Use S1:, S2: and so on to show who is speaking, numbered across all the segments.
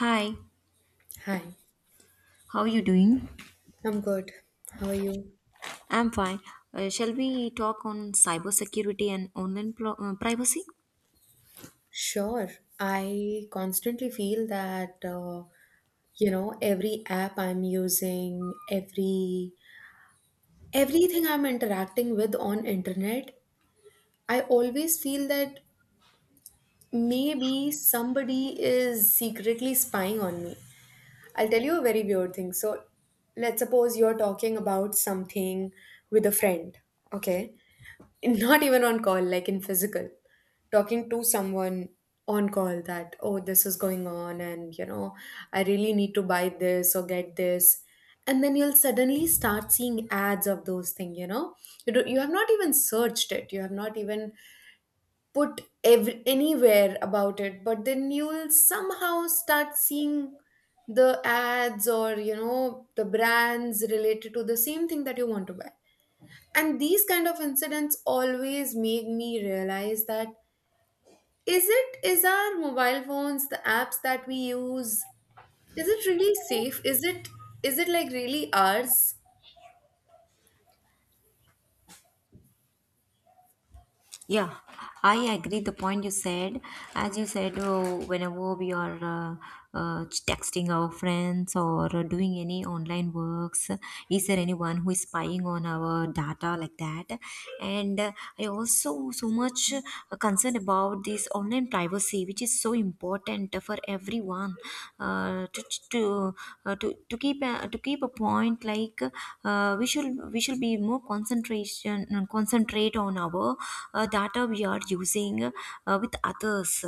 S1: Hi,
S2: Hi,
S1: how are you doing?
S2: I'm good. How are you?
S1: I'm fine. Shall we talk on cybersecurity and online privacy?
S2: Sure. I constantly feel that you know every app I'm using, everything I'm interacting with on internet, I always feel that maybe somebody is secretly spying on me. I'll tell you a very weird thing. So, let's suppose you're talking about something with a friend, okay? Not even on call, like in physical, talking to someone on call that, oh, this is going on, and you know, I really need to buy this or get this, And then you'll suddenly start seeing ads of those things, you know. You have not even searched it, you have not even put ev- anywhere about it, but then you'll somehow start seeing the ads or, the brands related to the same thing that you want to buy, and these kind of incidents always make me realize that is our mobile phones, the apps that we use, is it really safe? Is it like really ours?
S1: Yeah, I agree the point you said. As you said, oh, whenever we are texting our friends or doing any online works, is there anyone who is spying on our data like that? And I also so much concerned about this online privacy, which is so important for everyone uh, to to to keep to keep a point like we should be more concentration concentrate on our data we are using with others,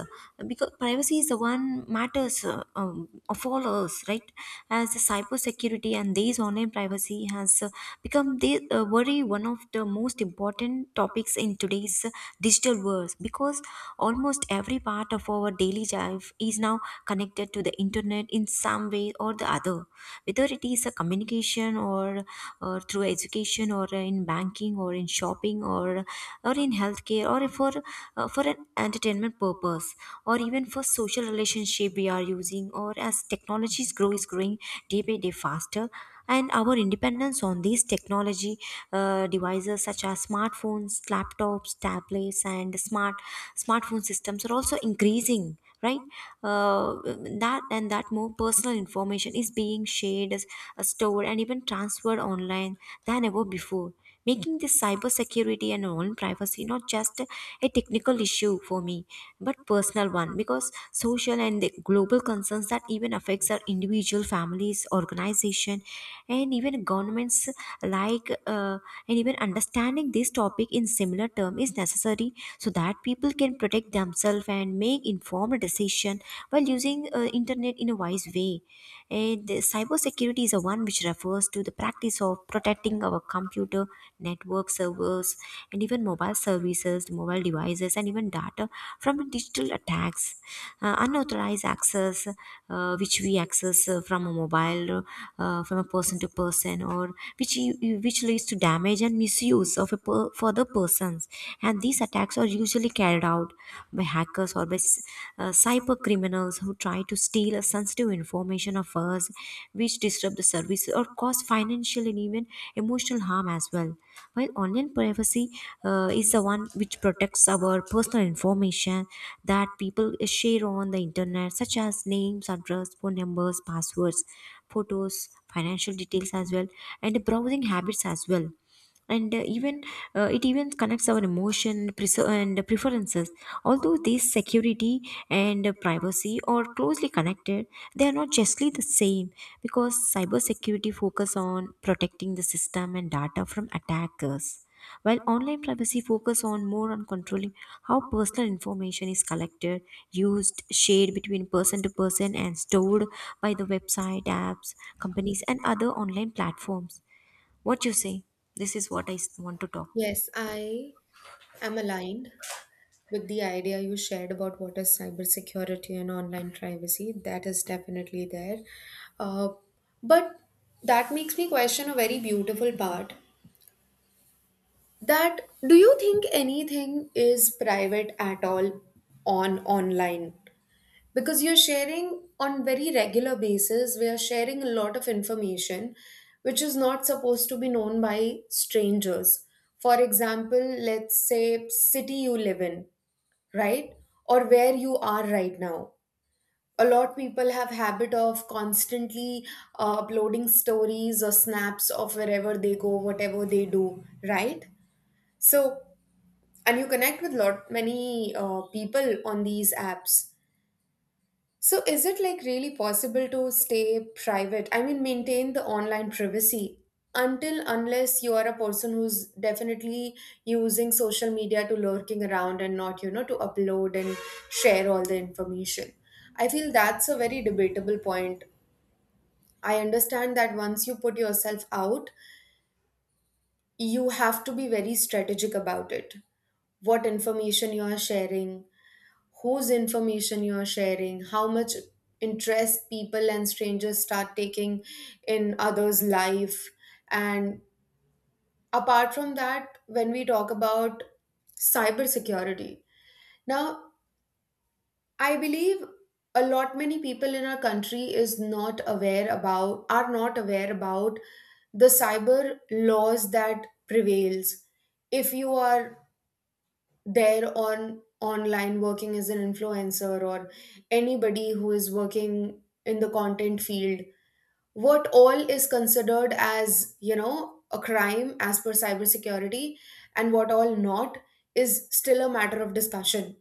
S1: because privacy is the one matters of all us, right? As the cyber security and these online privacy has become the worry, one of the most important topics in today's digital world, because almost every part of our daily life is now connected to the internet in some way or the other, whether it is a communication, or through education, or in banking, or in shopping, or in healthcare, or for an entertainment purpose, or even for social relationship we are using. Or as technologies grow is growing day by day faster, and our independence on these technology devices such as smartphones, laptops, tablets, and smartphone systems are also increasing, right? Uh, that and that more personal information is being stored and even transferred online than ever before, making this cybersecurity and own privacy not just a technical issue for me, but personal one, because social and the global concerns that even affects our individual families, organization, and even governments. like uh, and even understanding this topic in similar term is necessary so that people can protect themselves and make informed decision while using internet in a wise way. And cybersecurity is a one which refers to the practice of protecting our computer, network servers, and even mobile services, mobile devices, and even data from digital attacks. Unauthorized access, which we access from a mobile, from a person to person, or which which leads to damage and misuse of for the persons. And these attacks are usually carried out by hackers or by cyber criminals who try to steal a sensitive information of us, which disrupt the service or cause financial and even emotional harm as well. While online privacy is the one which protects our personal information that people share on the internet, such as names, address, phone numbers, passwords, photos, financial details as well, and browsing habits as well, and even it even connects our and preferences. Although these security and privacy are closely connected, they are not justly the same, because cybersecurity focus on protecting the system and data from attackers, while online privacy focus on more on controlling how personal information is collected, used, shared between person to person, and stored by the website, apps, companies, and other online platforms. What you say? This is what want to talk.
S2: Yes, I am aligned with the idea you shared about what is cybersecurity and online privacy. That is definitely there. Uh, but that makes me question a very beautiful part, that do you think anything is private at all on online? Because you're sharing on very regular basis, we are sharing a lot of information which is not supposed to be known by strangers. For example, let's say city you live in, right? Or where you are right now. A lot people have habit of constantly uploading stories or snaps of wherever they go, whatever they do, right? So and you connect with lot many people on these apps. So is it like really possible to stay private? I mean maintain the online privacy, until unless you are a person who's definitely using social media to lurking around and not to upload and share all the information. I feel that's a very debatable point. I understand that once you put yourself out, you have to be very strategic about it. What information you are sharing, whose information you are sharing, how much interest people and strangers start taking in others' life. And apart from that, when we talk about cybersecurity, now I believe a lot many people in our country is not aware about are not aware about the cyber laws that prevails. If you are there on online working as an influencer or anybody who is working in the content field, what all is considered as a crime as per cybersecurity and what all not is still a matter of discussion.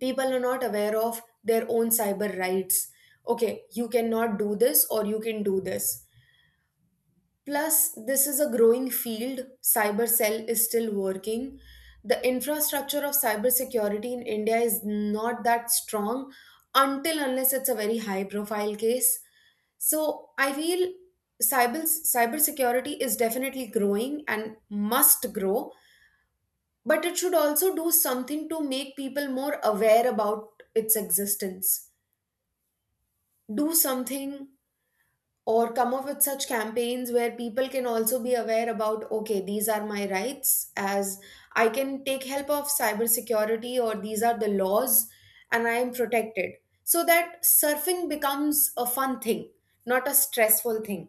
S2: People are not aware of their own cyber rights. Okay, you cannot do this or you can do this. Plus, this is a growing field. Cybercell is still working. The infrastructure of cybersecurity in India is not that strong until unless it's a very high profile case. So I feel cybersecurity is definitely growing and must grow, but it should also do something to make people more aware about its existence. Do something or come up with such campaigns where people can also be aware about, okay, these are my rights, as I can take help of cybersecurity, or these are the laws and I am protected, so that surfing becomes a fun thing, not a stressful thing.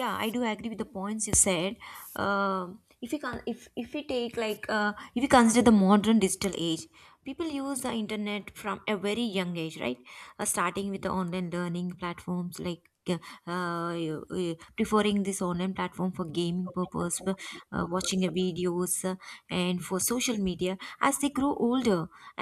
S1: Yeah, I do agree with the points you said. If you can, if we take, like, if you consider the modern digital age, people use the internet from a very young age, right? Starting with the online learning platforms, like uh, preferring this online platform for gaming purpose, for watching a videos, and for social media as they grow older,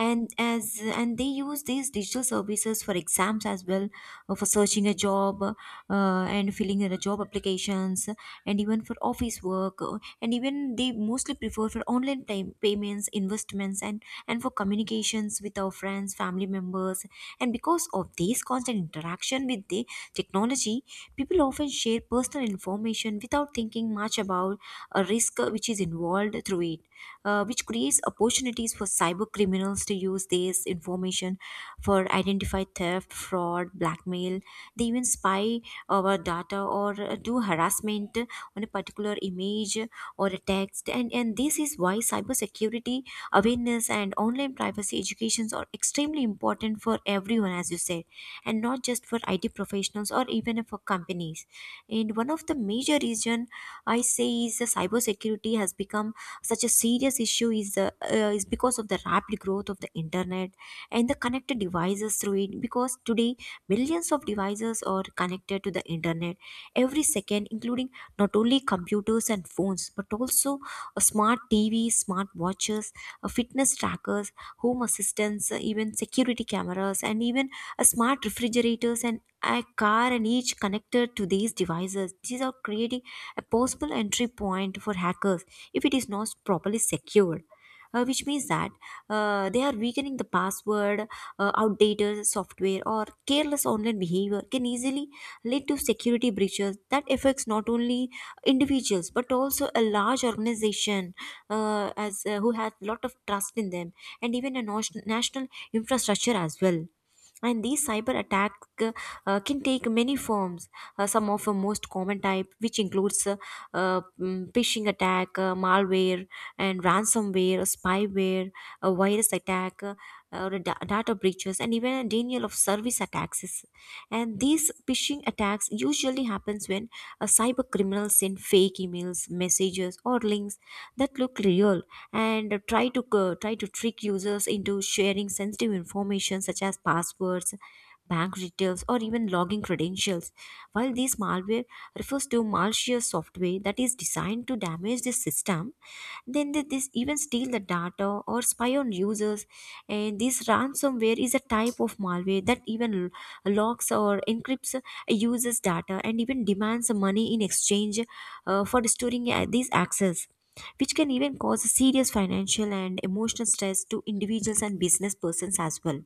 S1: and they use these digital services for exams as well, for searching a job, and filling in the job applications, and even for office work, and even they mostly prefer for online time payments, investments, and for communications with our friends, family members. And because of this constant interaction with the technology, people often share personal information without thinking much about a risk which is involved through it, which creates opportunities for cyber criminals to use this information for identify theft, fraud, blackmail. They even spy our data or do harassment on a particular image or a text. And this is why cybersecurity awareness and online privacy educations are extremely important for everyone, as you said, and not just for IT professionals or even for companies. And one of the major reason I say is the cybersecurity has become such a serious issue is the is because of the rapid growth of the internet and the connected devices through it, because today millions of devices are connected to the internet every second, including not only computers and phones, but also a smart TV, smart watches, a fitness trackers, home assistants, even security cameras, and even a smart refrigerators and a car, and each connected to these devices. These are creating a possible entry point for hackers if it is not properly secured, which means that they are weakening the password, outdated software, or careless online behavior can easily lead to security breaches that affects not only individuals, but also a large organization, as who has lot of trust in them, and even a national infrastructure as well. And these cyber attack uh, can take many forms. Some of the most common type which includes phishing attack, malware, and ransomware, spyware, a virus attack, or a data breaches, and even a denial of service attacks. And these phishing attacks usually happens when a cyber criminal send fake emails, messages, or links that look real and try to try to trick users into sharing sensitive information such as passwords, bank details, or even login credentials. While this malware refers to malicious software that is designed to damage the system, then this even steal the data or spy on users. And this ransomware is a type of malware that even locks or encrypts a user's data and even demands money in exchange for restoring these access, which can even cause serious financial and emotional stress to individuals and business persons as well.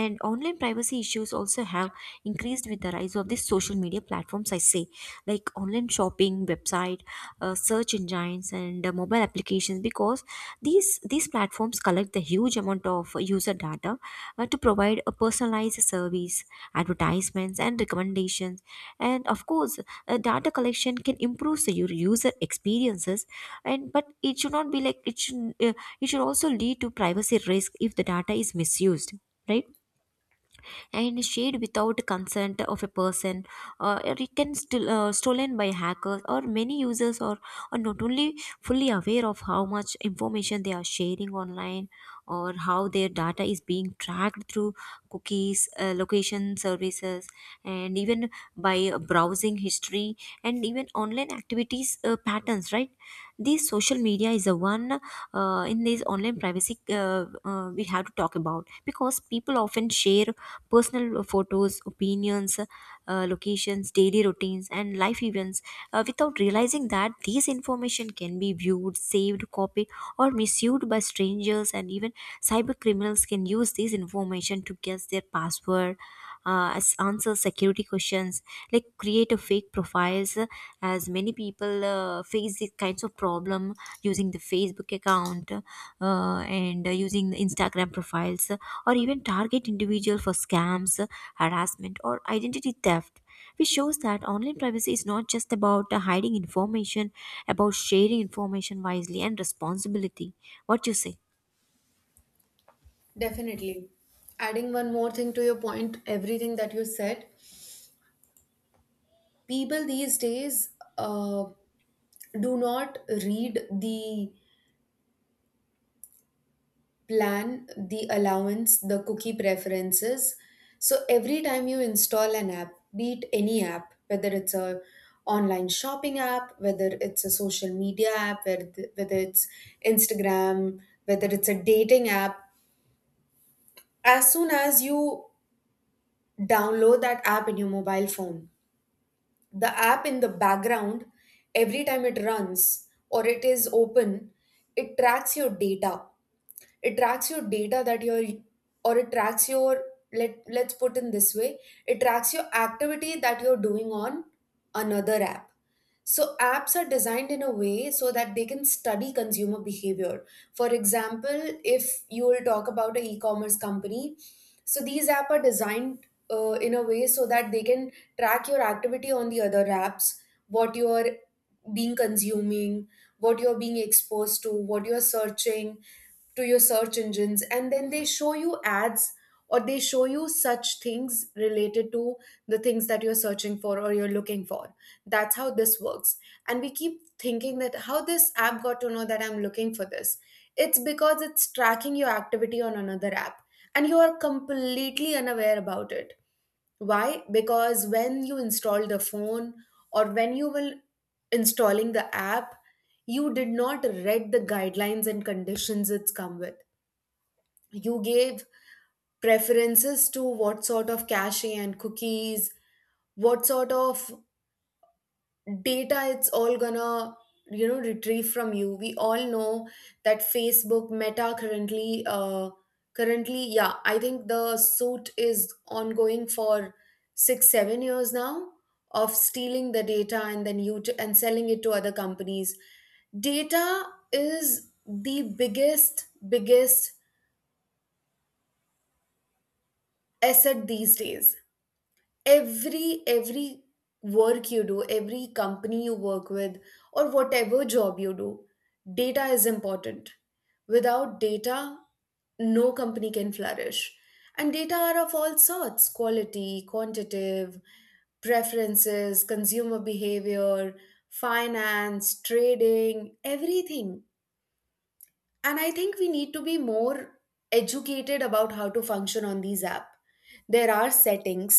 S1: And online privacy issues also have increased with the rise of these social media platforms, I say, like online shopping, website, search engines, and mobile applications, because these platforms collect the huge amount of user data to provide a personalized service, advertisements, and recommendations. And of course, data collection can improve your user experiences, and but it should not be like it it should also lead to privacy risk if the data is misused, right? And shared without consent of a person, or it can still stolen by hackers. Or many users are not only fully aware of how much information they are sharing online, or how their data is being tracked through cookies, location services, and even by browsing history, and even online activities patterns, right? This social media is the one in these online privacy we have to talk about, because people often share personal photos, opinions, locations, daily routines, and life events without realizing that these information can be viewed, saved, copied, or misused by strangers. And even cyber criminals can use this information to guess their password, as answer security questions, like create a fake profiles, as many people face these kinds of problem using the Facebook account, and using the Instagram profiles, or even target individual for scams, harassment, or identity theft, which shows that online privacy is not just about hiding information, about sharing information wisely and responsibility. What you say?
S2: Definitely. Adding one more thing to your point, everything that you said, people these days uh, do not read the plan, the allowance, the cookie preferences. So every time you install an app, be it any app, whether it's a online shopping app, whether it's a social media app, whether it's Instagram, whether it's a dating app, as soon as you download that app in your mobile phone, the app in the background, every time it runs or it is open, it tracks your data. It tracks your data that or it tracks your, let's put in this way, it tracks your activity that you're doing on another app. So, apps are designed in a way so that they can study consumer behavior. For example, if you will talk about an e commerce company, so these apps are designed in a way so that they can track your activity on the other apps, what you're being consuming, what you're being exposed to, what you're searching to your search engines, and then they show you ads or they show you such things related to the things that you're searching for or you're looking for. That's how this works. And we keep thinking that how this app got to know that I'm looking for this. It's because it's tracking your activity on another app and you are completely unaware about it. Why? Because when you install the phone or when you will installing the app, you did not read the guidelines and conditions it's come with. You gave preferences to what sort of cache and cookies, what sort of data it's all gonna retrieve from you. We all know that Facebook Meta currently yeah, I think the suit is ongoing for 6 7 years now, of stealing the data and then and selling it to other companies. Data is the biggest asset these days. Every work you do, every company you work with, or whatever job you do, data is important. Without data, no company can flourish. And data are of all sorts: quality, quantitative, preferences, consumer behavior, finance, trading, everything. And I think we need to be more educated about how to function on these app. There are settings,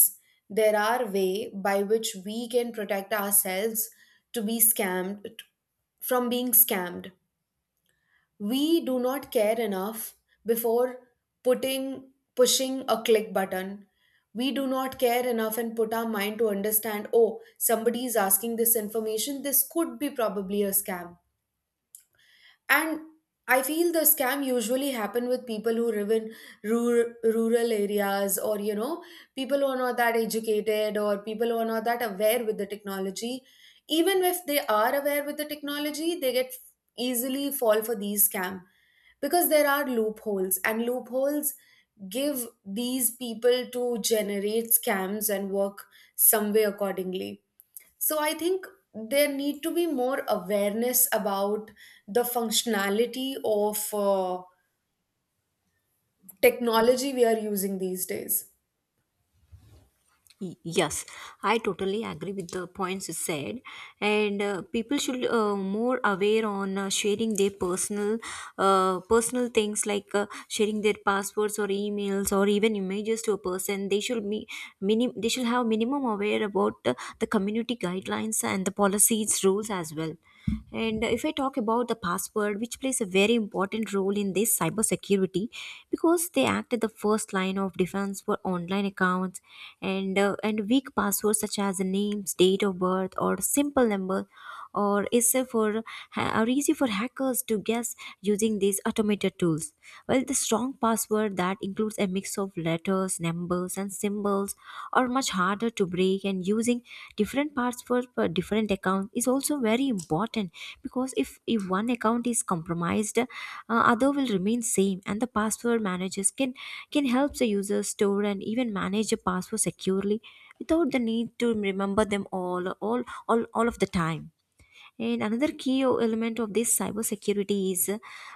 S2: there are way by which we can protect ourselves to be scammed, from being scammed. We do not care enough before putting, pushing a click button. We do not care enough and put our mind to understand, oh, somebody is asking this information, this could be probably a scam. And I feel the scam usually happen with people who live in rural areas, or you know, people who are not that educated, or people who are not that aware with the technology. Even if they are aware with the technology, they get easily fall for these scam, because there are loopholes, and loopholes give these people to generate scams and work some way accordingly. So I think there need to be more awareness about the functionality of technology we are using these days.
S1: Yes, I totally agree with the points you said, and people should more aware on sharing their personal things, like sharing their passwords or emails or even images to a person. They should be They should have minimum aware about the community guidelines and the policies rules as well. And If I talk about the password, which plays a very important role in this cybersecurity, because they act as the first line of defense for online accounts and weak passwords such as names, date of birth, or simple number or is for ha- are easy for hackers to guess using these automated tools. Well, the strong password that includes a mix of letters, numbers, and symbols are much harder to break, and using different parts for different account is also very important because if one account is compromised, other will remain same. And the password managers can help the user store and even manage a password securely without the need to remember them all of the time. And another key element of this cybersecurity is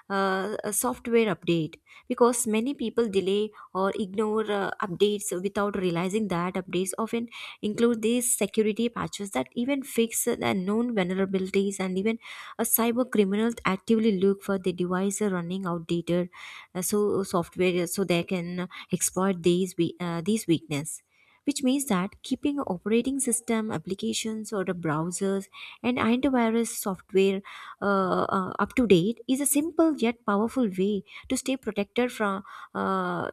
S1: a software update, because many people delay or ignore updates without realizing that updates often include these security patches that even fix the known vulnerabilities. And even a cyber criminal actively look for the device running outdated software, so they can exploit these weakness, which means that keeping operating system applications or the browsers and antivirus software up to date is a simple yet powerful way to stay protected from uh,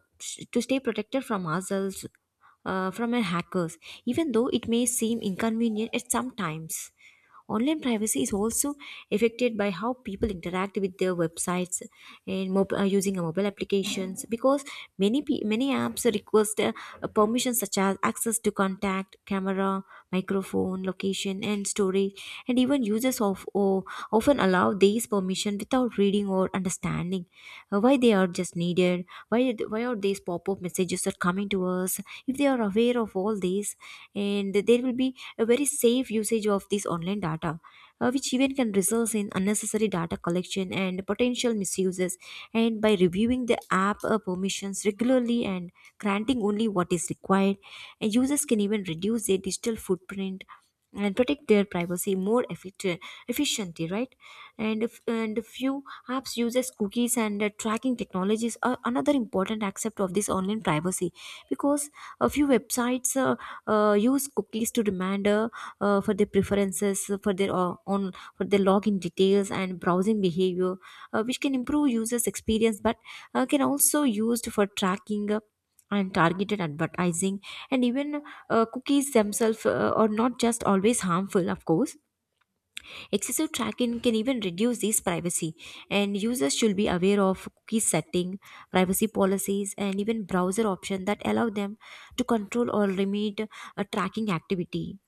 S1: ourselves, from our hackers, even though it may seem inconvenient at some times. Online privacy is also affected by how people interact with their websites and using a mobile applications, because many apps request permissions such as access to contact, camera, microphone, location, and storage, and even users of or often allow these permission without reading or understanding why they are just needed. Why are these pop up messages are coming to us? If they are aware of all these, and there will be a very safe usage of this online data, which even can result in unnecessary data collection and potential misuses. And by reviewing the app permissions regularly and granting only what is required, and users can even reduce their digital footprint and protect their privacy more efficiently, right? And if, and a few apps uses cookies, and tracking technologies are another important aspect of this online privacy, because a few websites use cookies to reminder for their preferences, for their own for their login details and browsing behavior, which can improve users experience, but can also used for tracking and targeted advertising. And even cookies themselves are not just always harmful, of course. Excessive tracking can even reduce this privacy, and users should be aware of cookie setting, privacy policies, and even browser options that allow them to control or limit a tracking activity.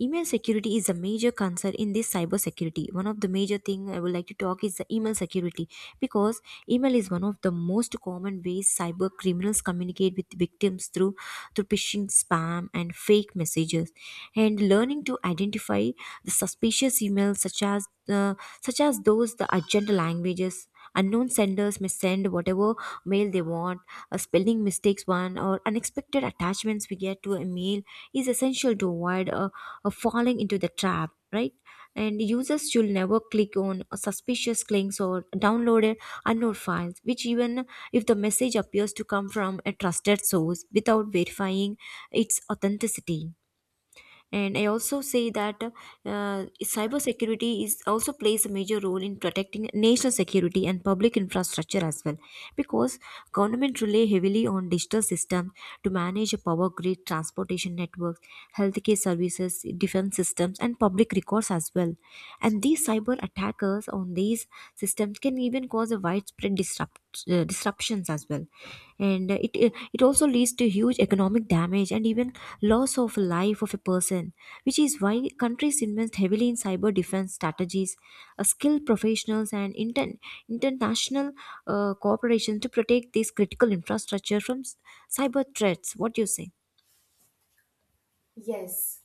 S1: Email security is a major concern in this cybersecurity. One of the major thing I would like to talk is the email security, because email is one of the most common ways cyber criminals communicate with victims through phishing, spam, and fake messages. And learning to identify the suspicious emails, such as those the urgent languages. Unknown senders may send whatever mail they want, a spelling mistakes one, or unexpected attachments we get to a mail, is essential to avoid a falling into the trap, right? And users should never click on suspicious links or download unknown files, which even if the message appears to come from a trusted source without verifying its authenticity. And I also say that uh, cybersecurity is also plays a major role in protecting national security and public infrastructure as well, because government rely heavily on digital systems to manage a power grid, transportation networks, healthcare services, defense systems, and public records as well. And these cyber attackers on these systems can even cause a widespread disruptions as well. And it also leads to huge economic damage and even loss of life of a person, which is why countries invest heavily in cyber defense strategies, skilled professionals, and international cooperation to protect this critical infrastructure from cyber threats. What do you say?
S2: Yes.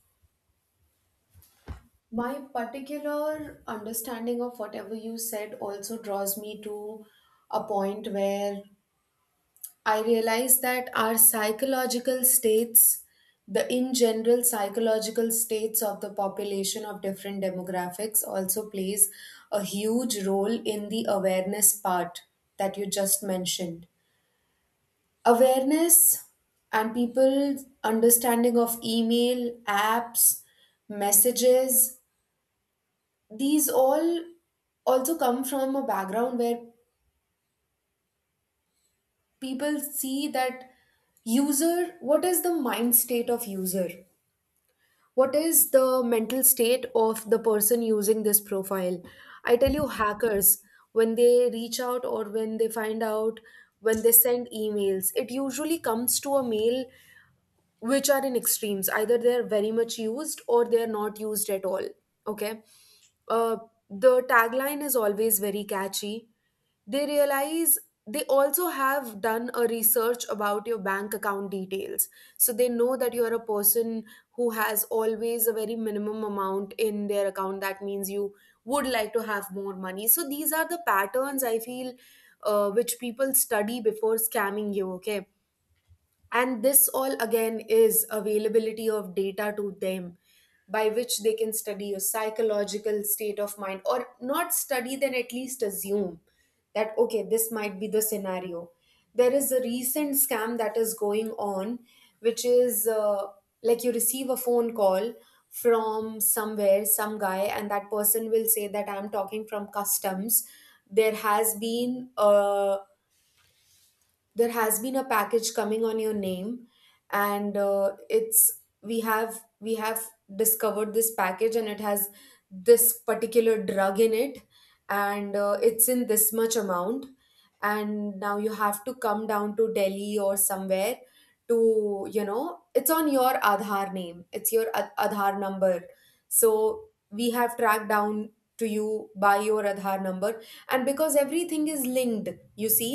S2: My particular understanding of whatever you said also draws me to a point where I realize that our psychological states, the in general psychological states of the population of different demographics also plays a huge role in the awareness part that you just mentioned. Awareness and people's understanding of email, apps, messages, these all also come from a background where people see that user, what is the mind state of user? What is the mental state of the person using this profile? I tell you, hackers, when they reach out or when they find out, when they send emails, it usually comes to a mail which are in extremes. Either they're very much used or they're not used at all. Okay. Uh, the tagline is always very catchy. They realize they also have done a research about your bank account details. So they know that you're a person who has always a very minimum amount in their account. That means you would like to have more money. So these are the patterns I feel, which people study before scamming you, okay? And this all again is availability of data to them, by which they can study your psychological state of mind, or not study then at least assume that okay this might be the scenario. There is a recent scam that is going on, which is like you receive a phone call from somewhere some guy and that person will say that I'm talking from customs. There has been a there has been a package coming on your name, and it's we have discovered this package and it has this particular drug in it, and it's in this much amount, and now you have to come down to Delhi or somewhere. To you know, it's on your Aadhaar name, it's your Aadhaar number, so we have tracked down to you by your Aadhaar number. And because everything is linked, you see,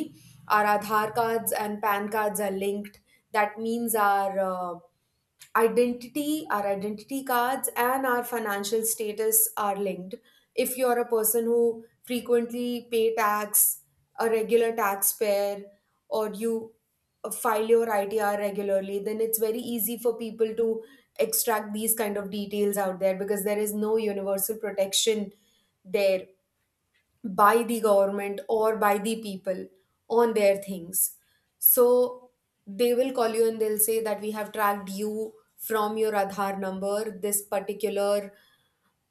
S2: our Aadhaar cards and PAN cards are linked. That means our identity, our identity cards, and our financial status are linked. If you're a person who frequently pay tax, a regular taxpayer, or you file your ITR regularly, then it's very easy for people to extract these kind of details out there, because there is no universal protection there by the government or by the people on their things. So they will call you and they'll say that we have tracked you from your Aadhaar number, this particular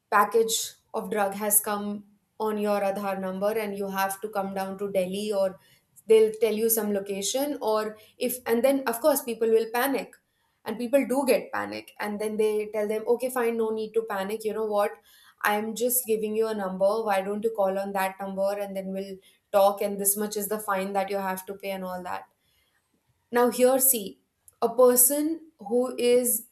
S2: package of drug has come on your Aadhaar number and you have to come down to Delhi, or they'll tell you some location. Or if, and then of course people will panic, and people do get panic, and then they tell them okay fine, no need to panic, you know what, I'm just giving you a number, why don't you call on that number and then we'll talk, and this much is the fine that you have to pay and all that. Now here see, a person who is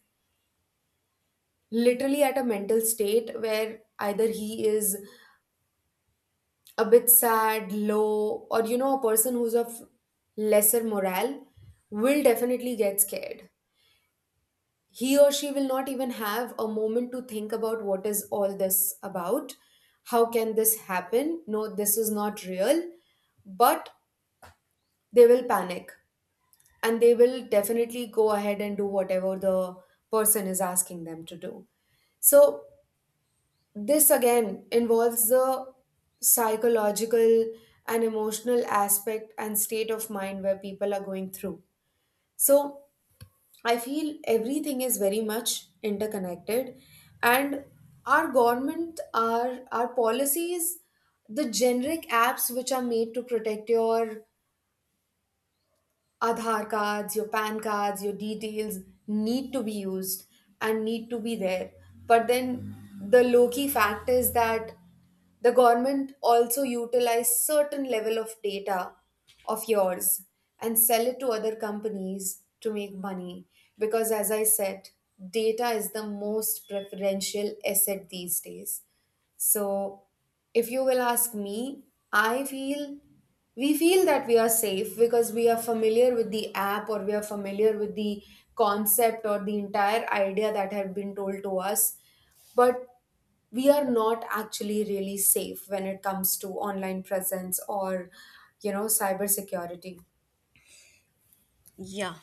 S2: literally at a mental state where either he is a bit sad, low, or you know, a person who's of lesser morale will definitely get scared. He or she will not even have a moment to think about what is all this about. How can this happen? No, this is not real. But they will panic, and they will definitely go ahead and do whatever the person is asking them to do. So this again involves the psychological and emotional aspect and state of mind where people are going through. So I feel everything is very much interconnected, and our government, our policies, the generic apps which are made to protect your Aadhaar cards, your PAN cards, your details, need to be used and need to be there. But then the low key fact is that the government also utilize certain level of data of yours and sell it to other companies to make money, because as I said, data is the most preferential asset these days. So, if you will ask me, I feel we feel that we are safe because we are familiar with the app or we are familiar with the concept or the entire idea that had been told to us. But we are not actually really safe when it comes to online presence, or cybersecurity.
S1: Yeah,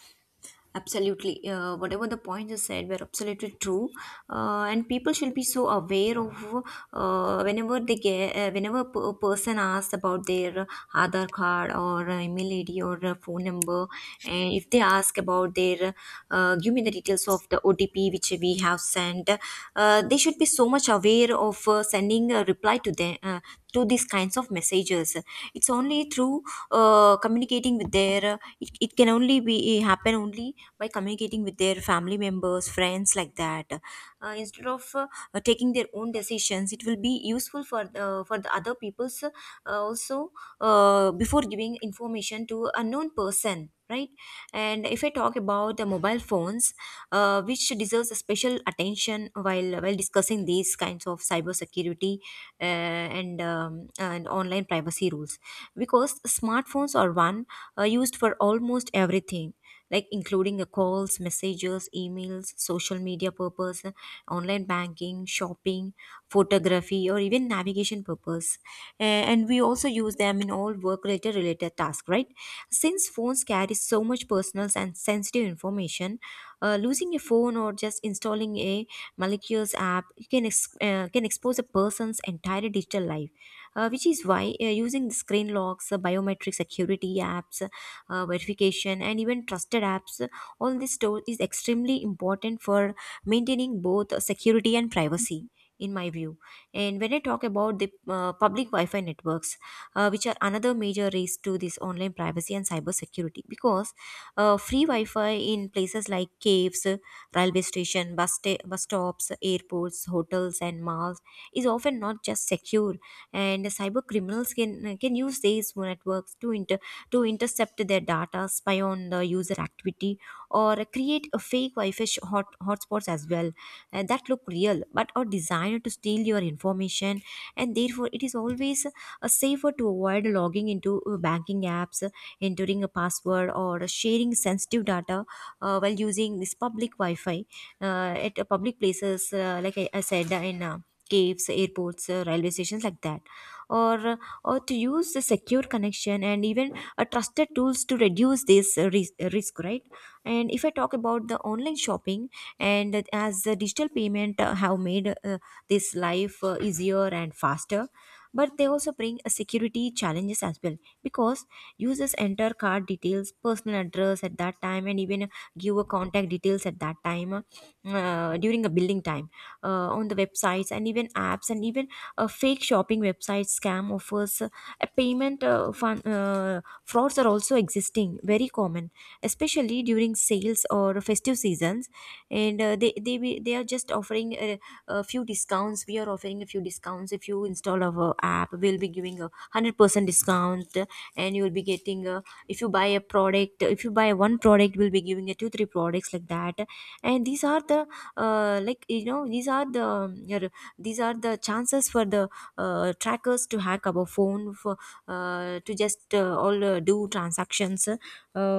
S1: absolutely. Whatever the points you said were absolutely true, and people should be so aware of whenever they get whenever a person asks about their Aadhaar card, or email ID, or phone number, and if they ask about their, give me the details of the OTP which we have sent, they should be so much aware of sending a reply to them. To these kinds of messages, it's only through communicating with their it, it can only be happen only by communicating with their family members, friends, like that, instead of taking their own decisions. It will be useful for the other people's also, before giving information to a known person, right? And if I talk about the mobile phones, which deserves a special attention while discussing these kinds of cyber security and online privacy rules, because smartphones are one used for almost everything, like including the calls, messages, emails, social media purpose, online banking, shopping, photography, or even navigation purpose. And we also use them in all work related tasks, right? Since phones carry so much personal and sensitive information, losing a phone or just installing a malicious app, you can expose a person's entire digital life, which is why using the screen locks, biometric security apps, verification, and even trusted apps, all this store is extremely important for maintaining both security and privacy, in my view. And when I talk about the public wi-fi networks, which are another major risk to this online privacy and cyber security, because free wi-fi in places like caves, railway station, bus stops, airports, hotels, and malls is often not just secure. And cyber criminals can use these networks to to intercept their data, spy on the user activity, or create a fake hotspots as well, that look real but are designed to steal your information. And therefore it is always safer to avoid logging into banking apps, entering a password, or sharing sensitive data while using this public wi-fi at public places, like I said, in caves, airports, railway stations, like that. or or to use a secure connection and even a trusted tools to reduce this risk, right? And if I talk about the online shopping, and as the digital payment have made this life easier and faster, but they also bring a security challenges as well, because users enter card details, personal address at that time, and even give a contact details at that time, during a billing time, on the websites and even apps. And even fake shopping websites, scam offers, a payment frauds are also existing very common, especially during sales or festive seasons. And they are just offering a few discounts. We are offering a few discounts. If you install our app, we'll be giving a 100% discount, and you'll be getting a, if you buy a product, if you buy one product, we'll be giving a 2 3 products, like that. And these are the like you know, these are the these are the chances for the trackers to hack our phone for to just all do transactions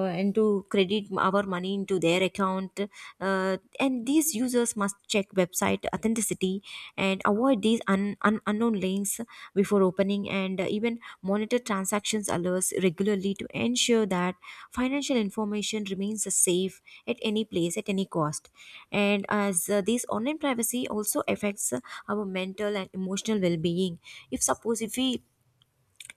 S1: and to credit our money into their account. And these users must check website authenticity and avoid these unknown links before opening, and even monitor transactions alerts regularly to ensure that financial information remains safe at any place at any cost. And as this online privacy also affects our mental and emotional well-being. if suppose if we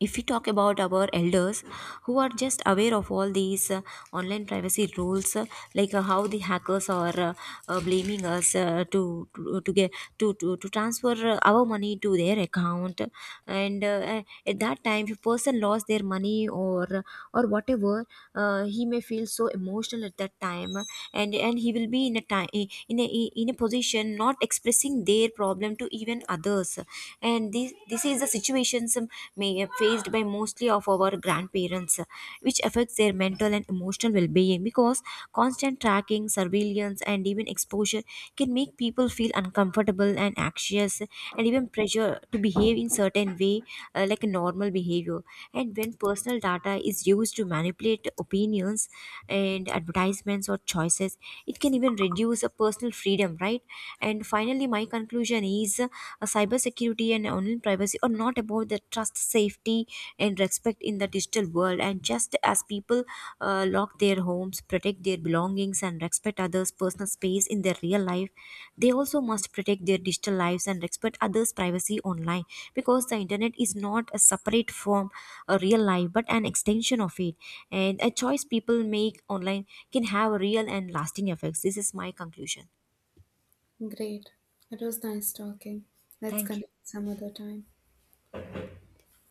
S1: if we talk about our elders who are just aware of all these online privacy rules, like how the hackers are blaming us to transfer our money to their account. And At that time, if a person lost their money, or whatever, he may feel so emotional at that time, and he will be in a position not expressing their problem to even others. And this is the situations faced by mostly of our grandparents, which affects their mental and emotional well-being, because constant tracking, surveillance, and even exposure can make people feel uncomfortable and anxious, and even pressure to behave in certain way, like a normal behavior. And when personal data is used to manipulate opinions and advertisements or choices, it can even reduce a personal freedom, right? And finally, my conclusion is, cybersecurity and online privacy are not about the trust, safety, and respect in the digital world. And just as people lock their homes, protect their belongings, and respect others' personal space in their real life, they also must protect their digital lives and respect others' privacy online, because the internet is not a separate from a real life but an extension of it. And a choice people make online can have real and lasting effects. This is my conclusion.
S2: Great. It was nice talking. Let's
S1: Thank you.
S2: connect some other time.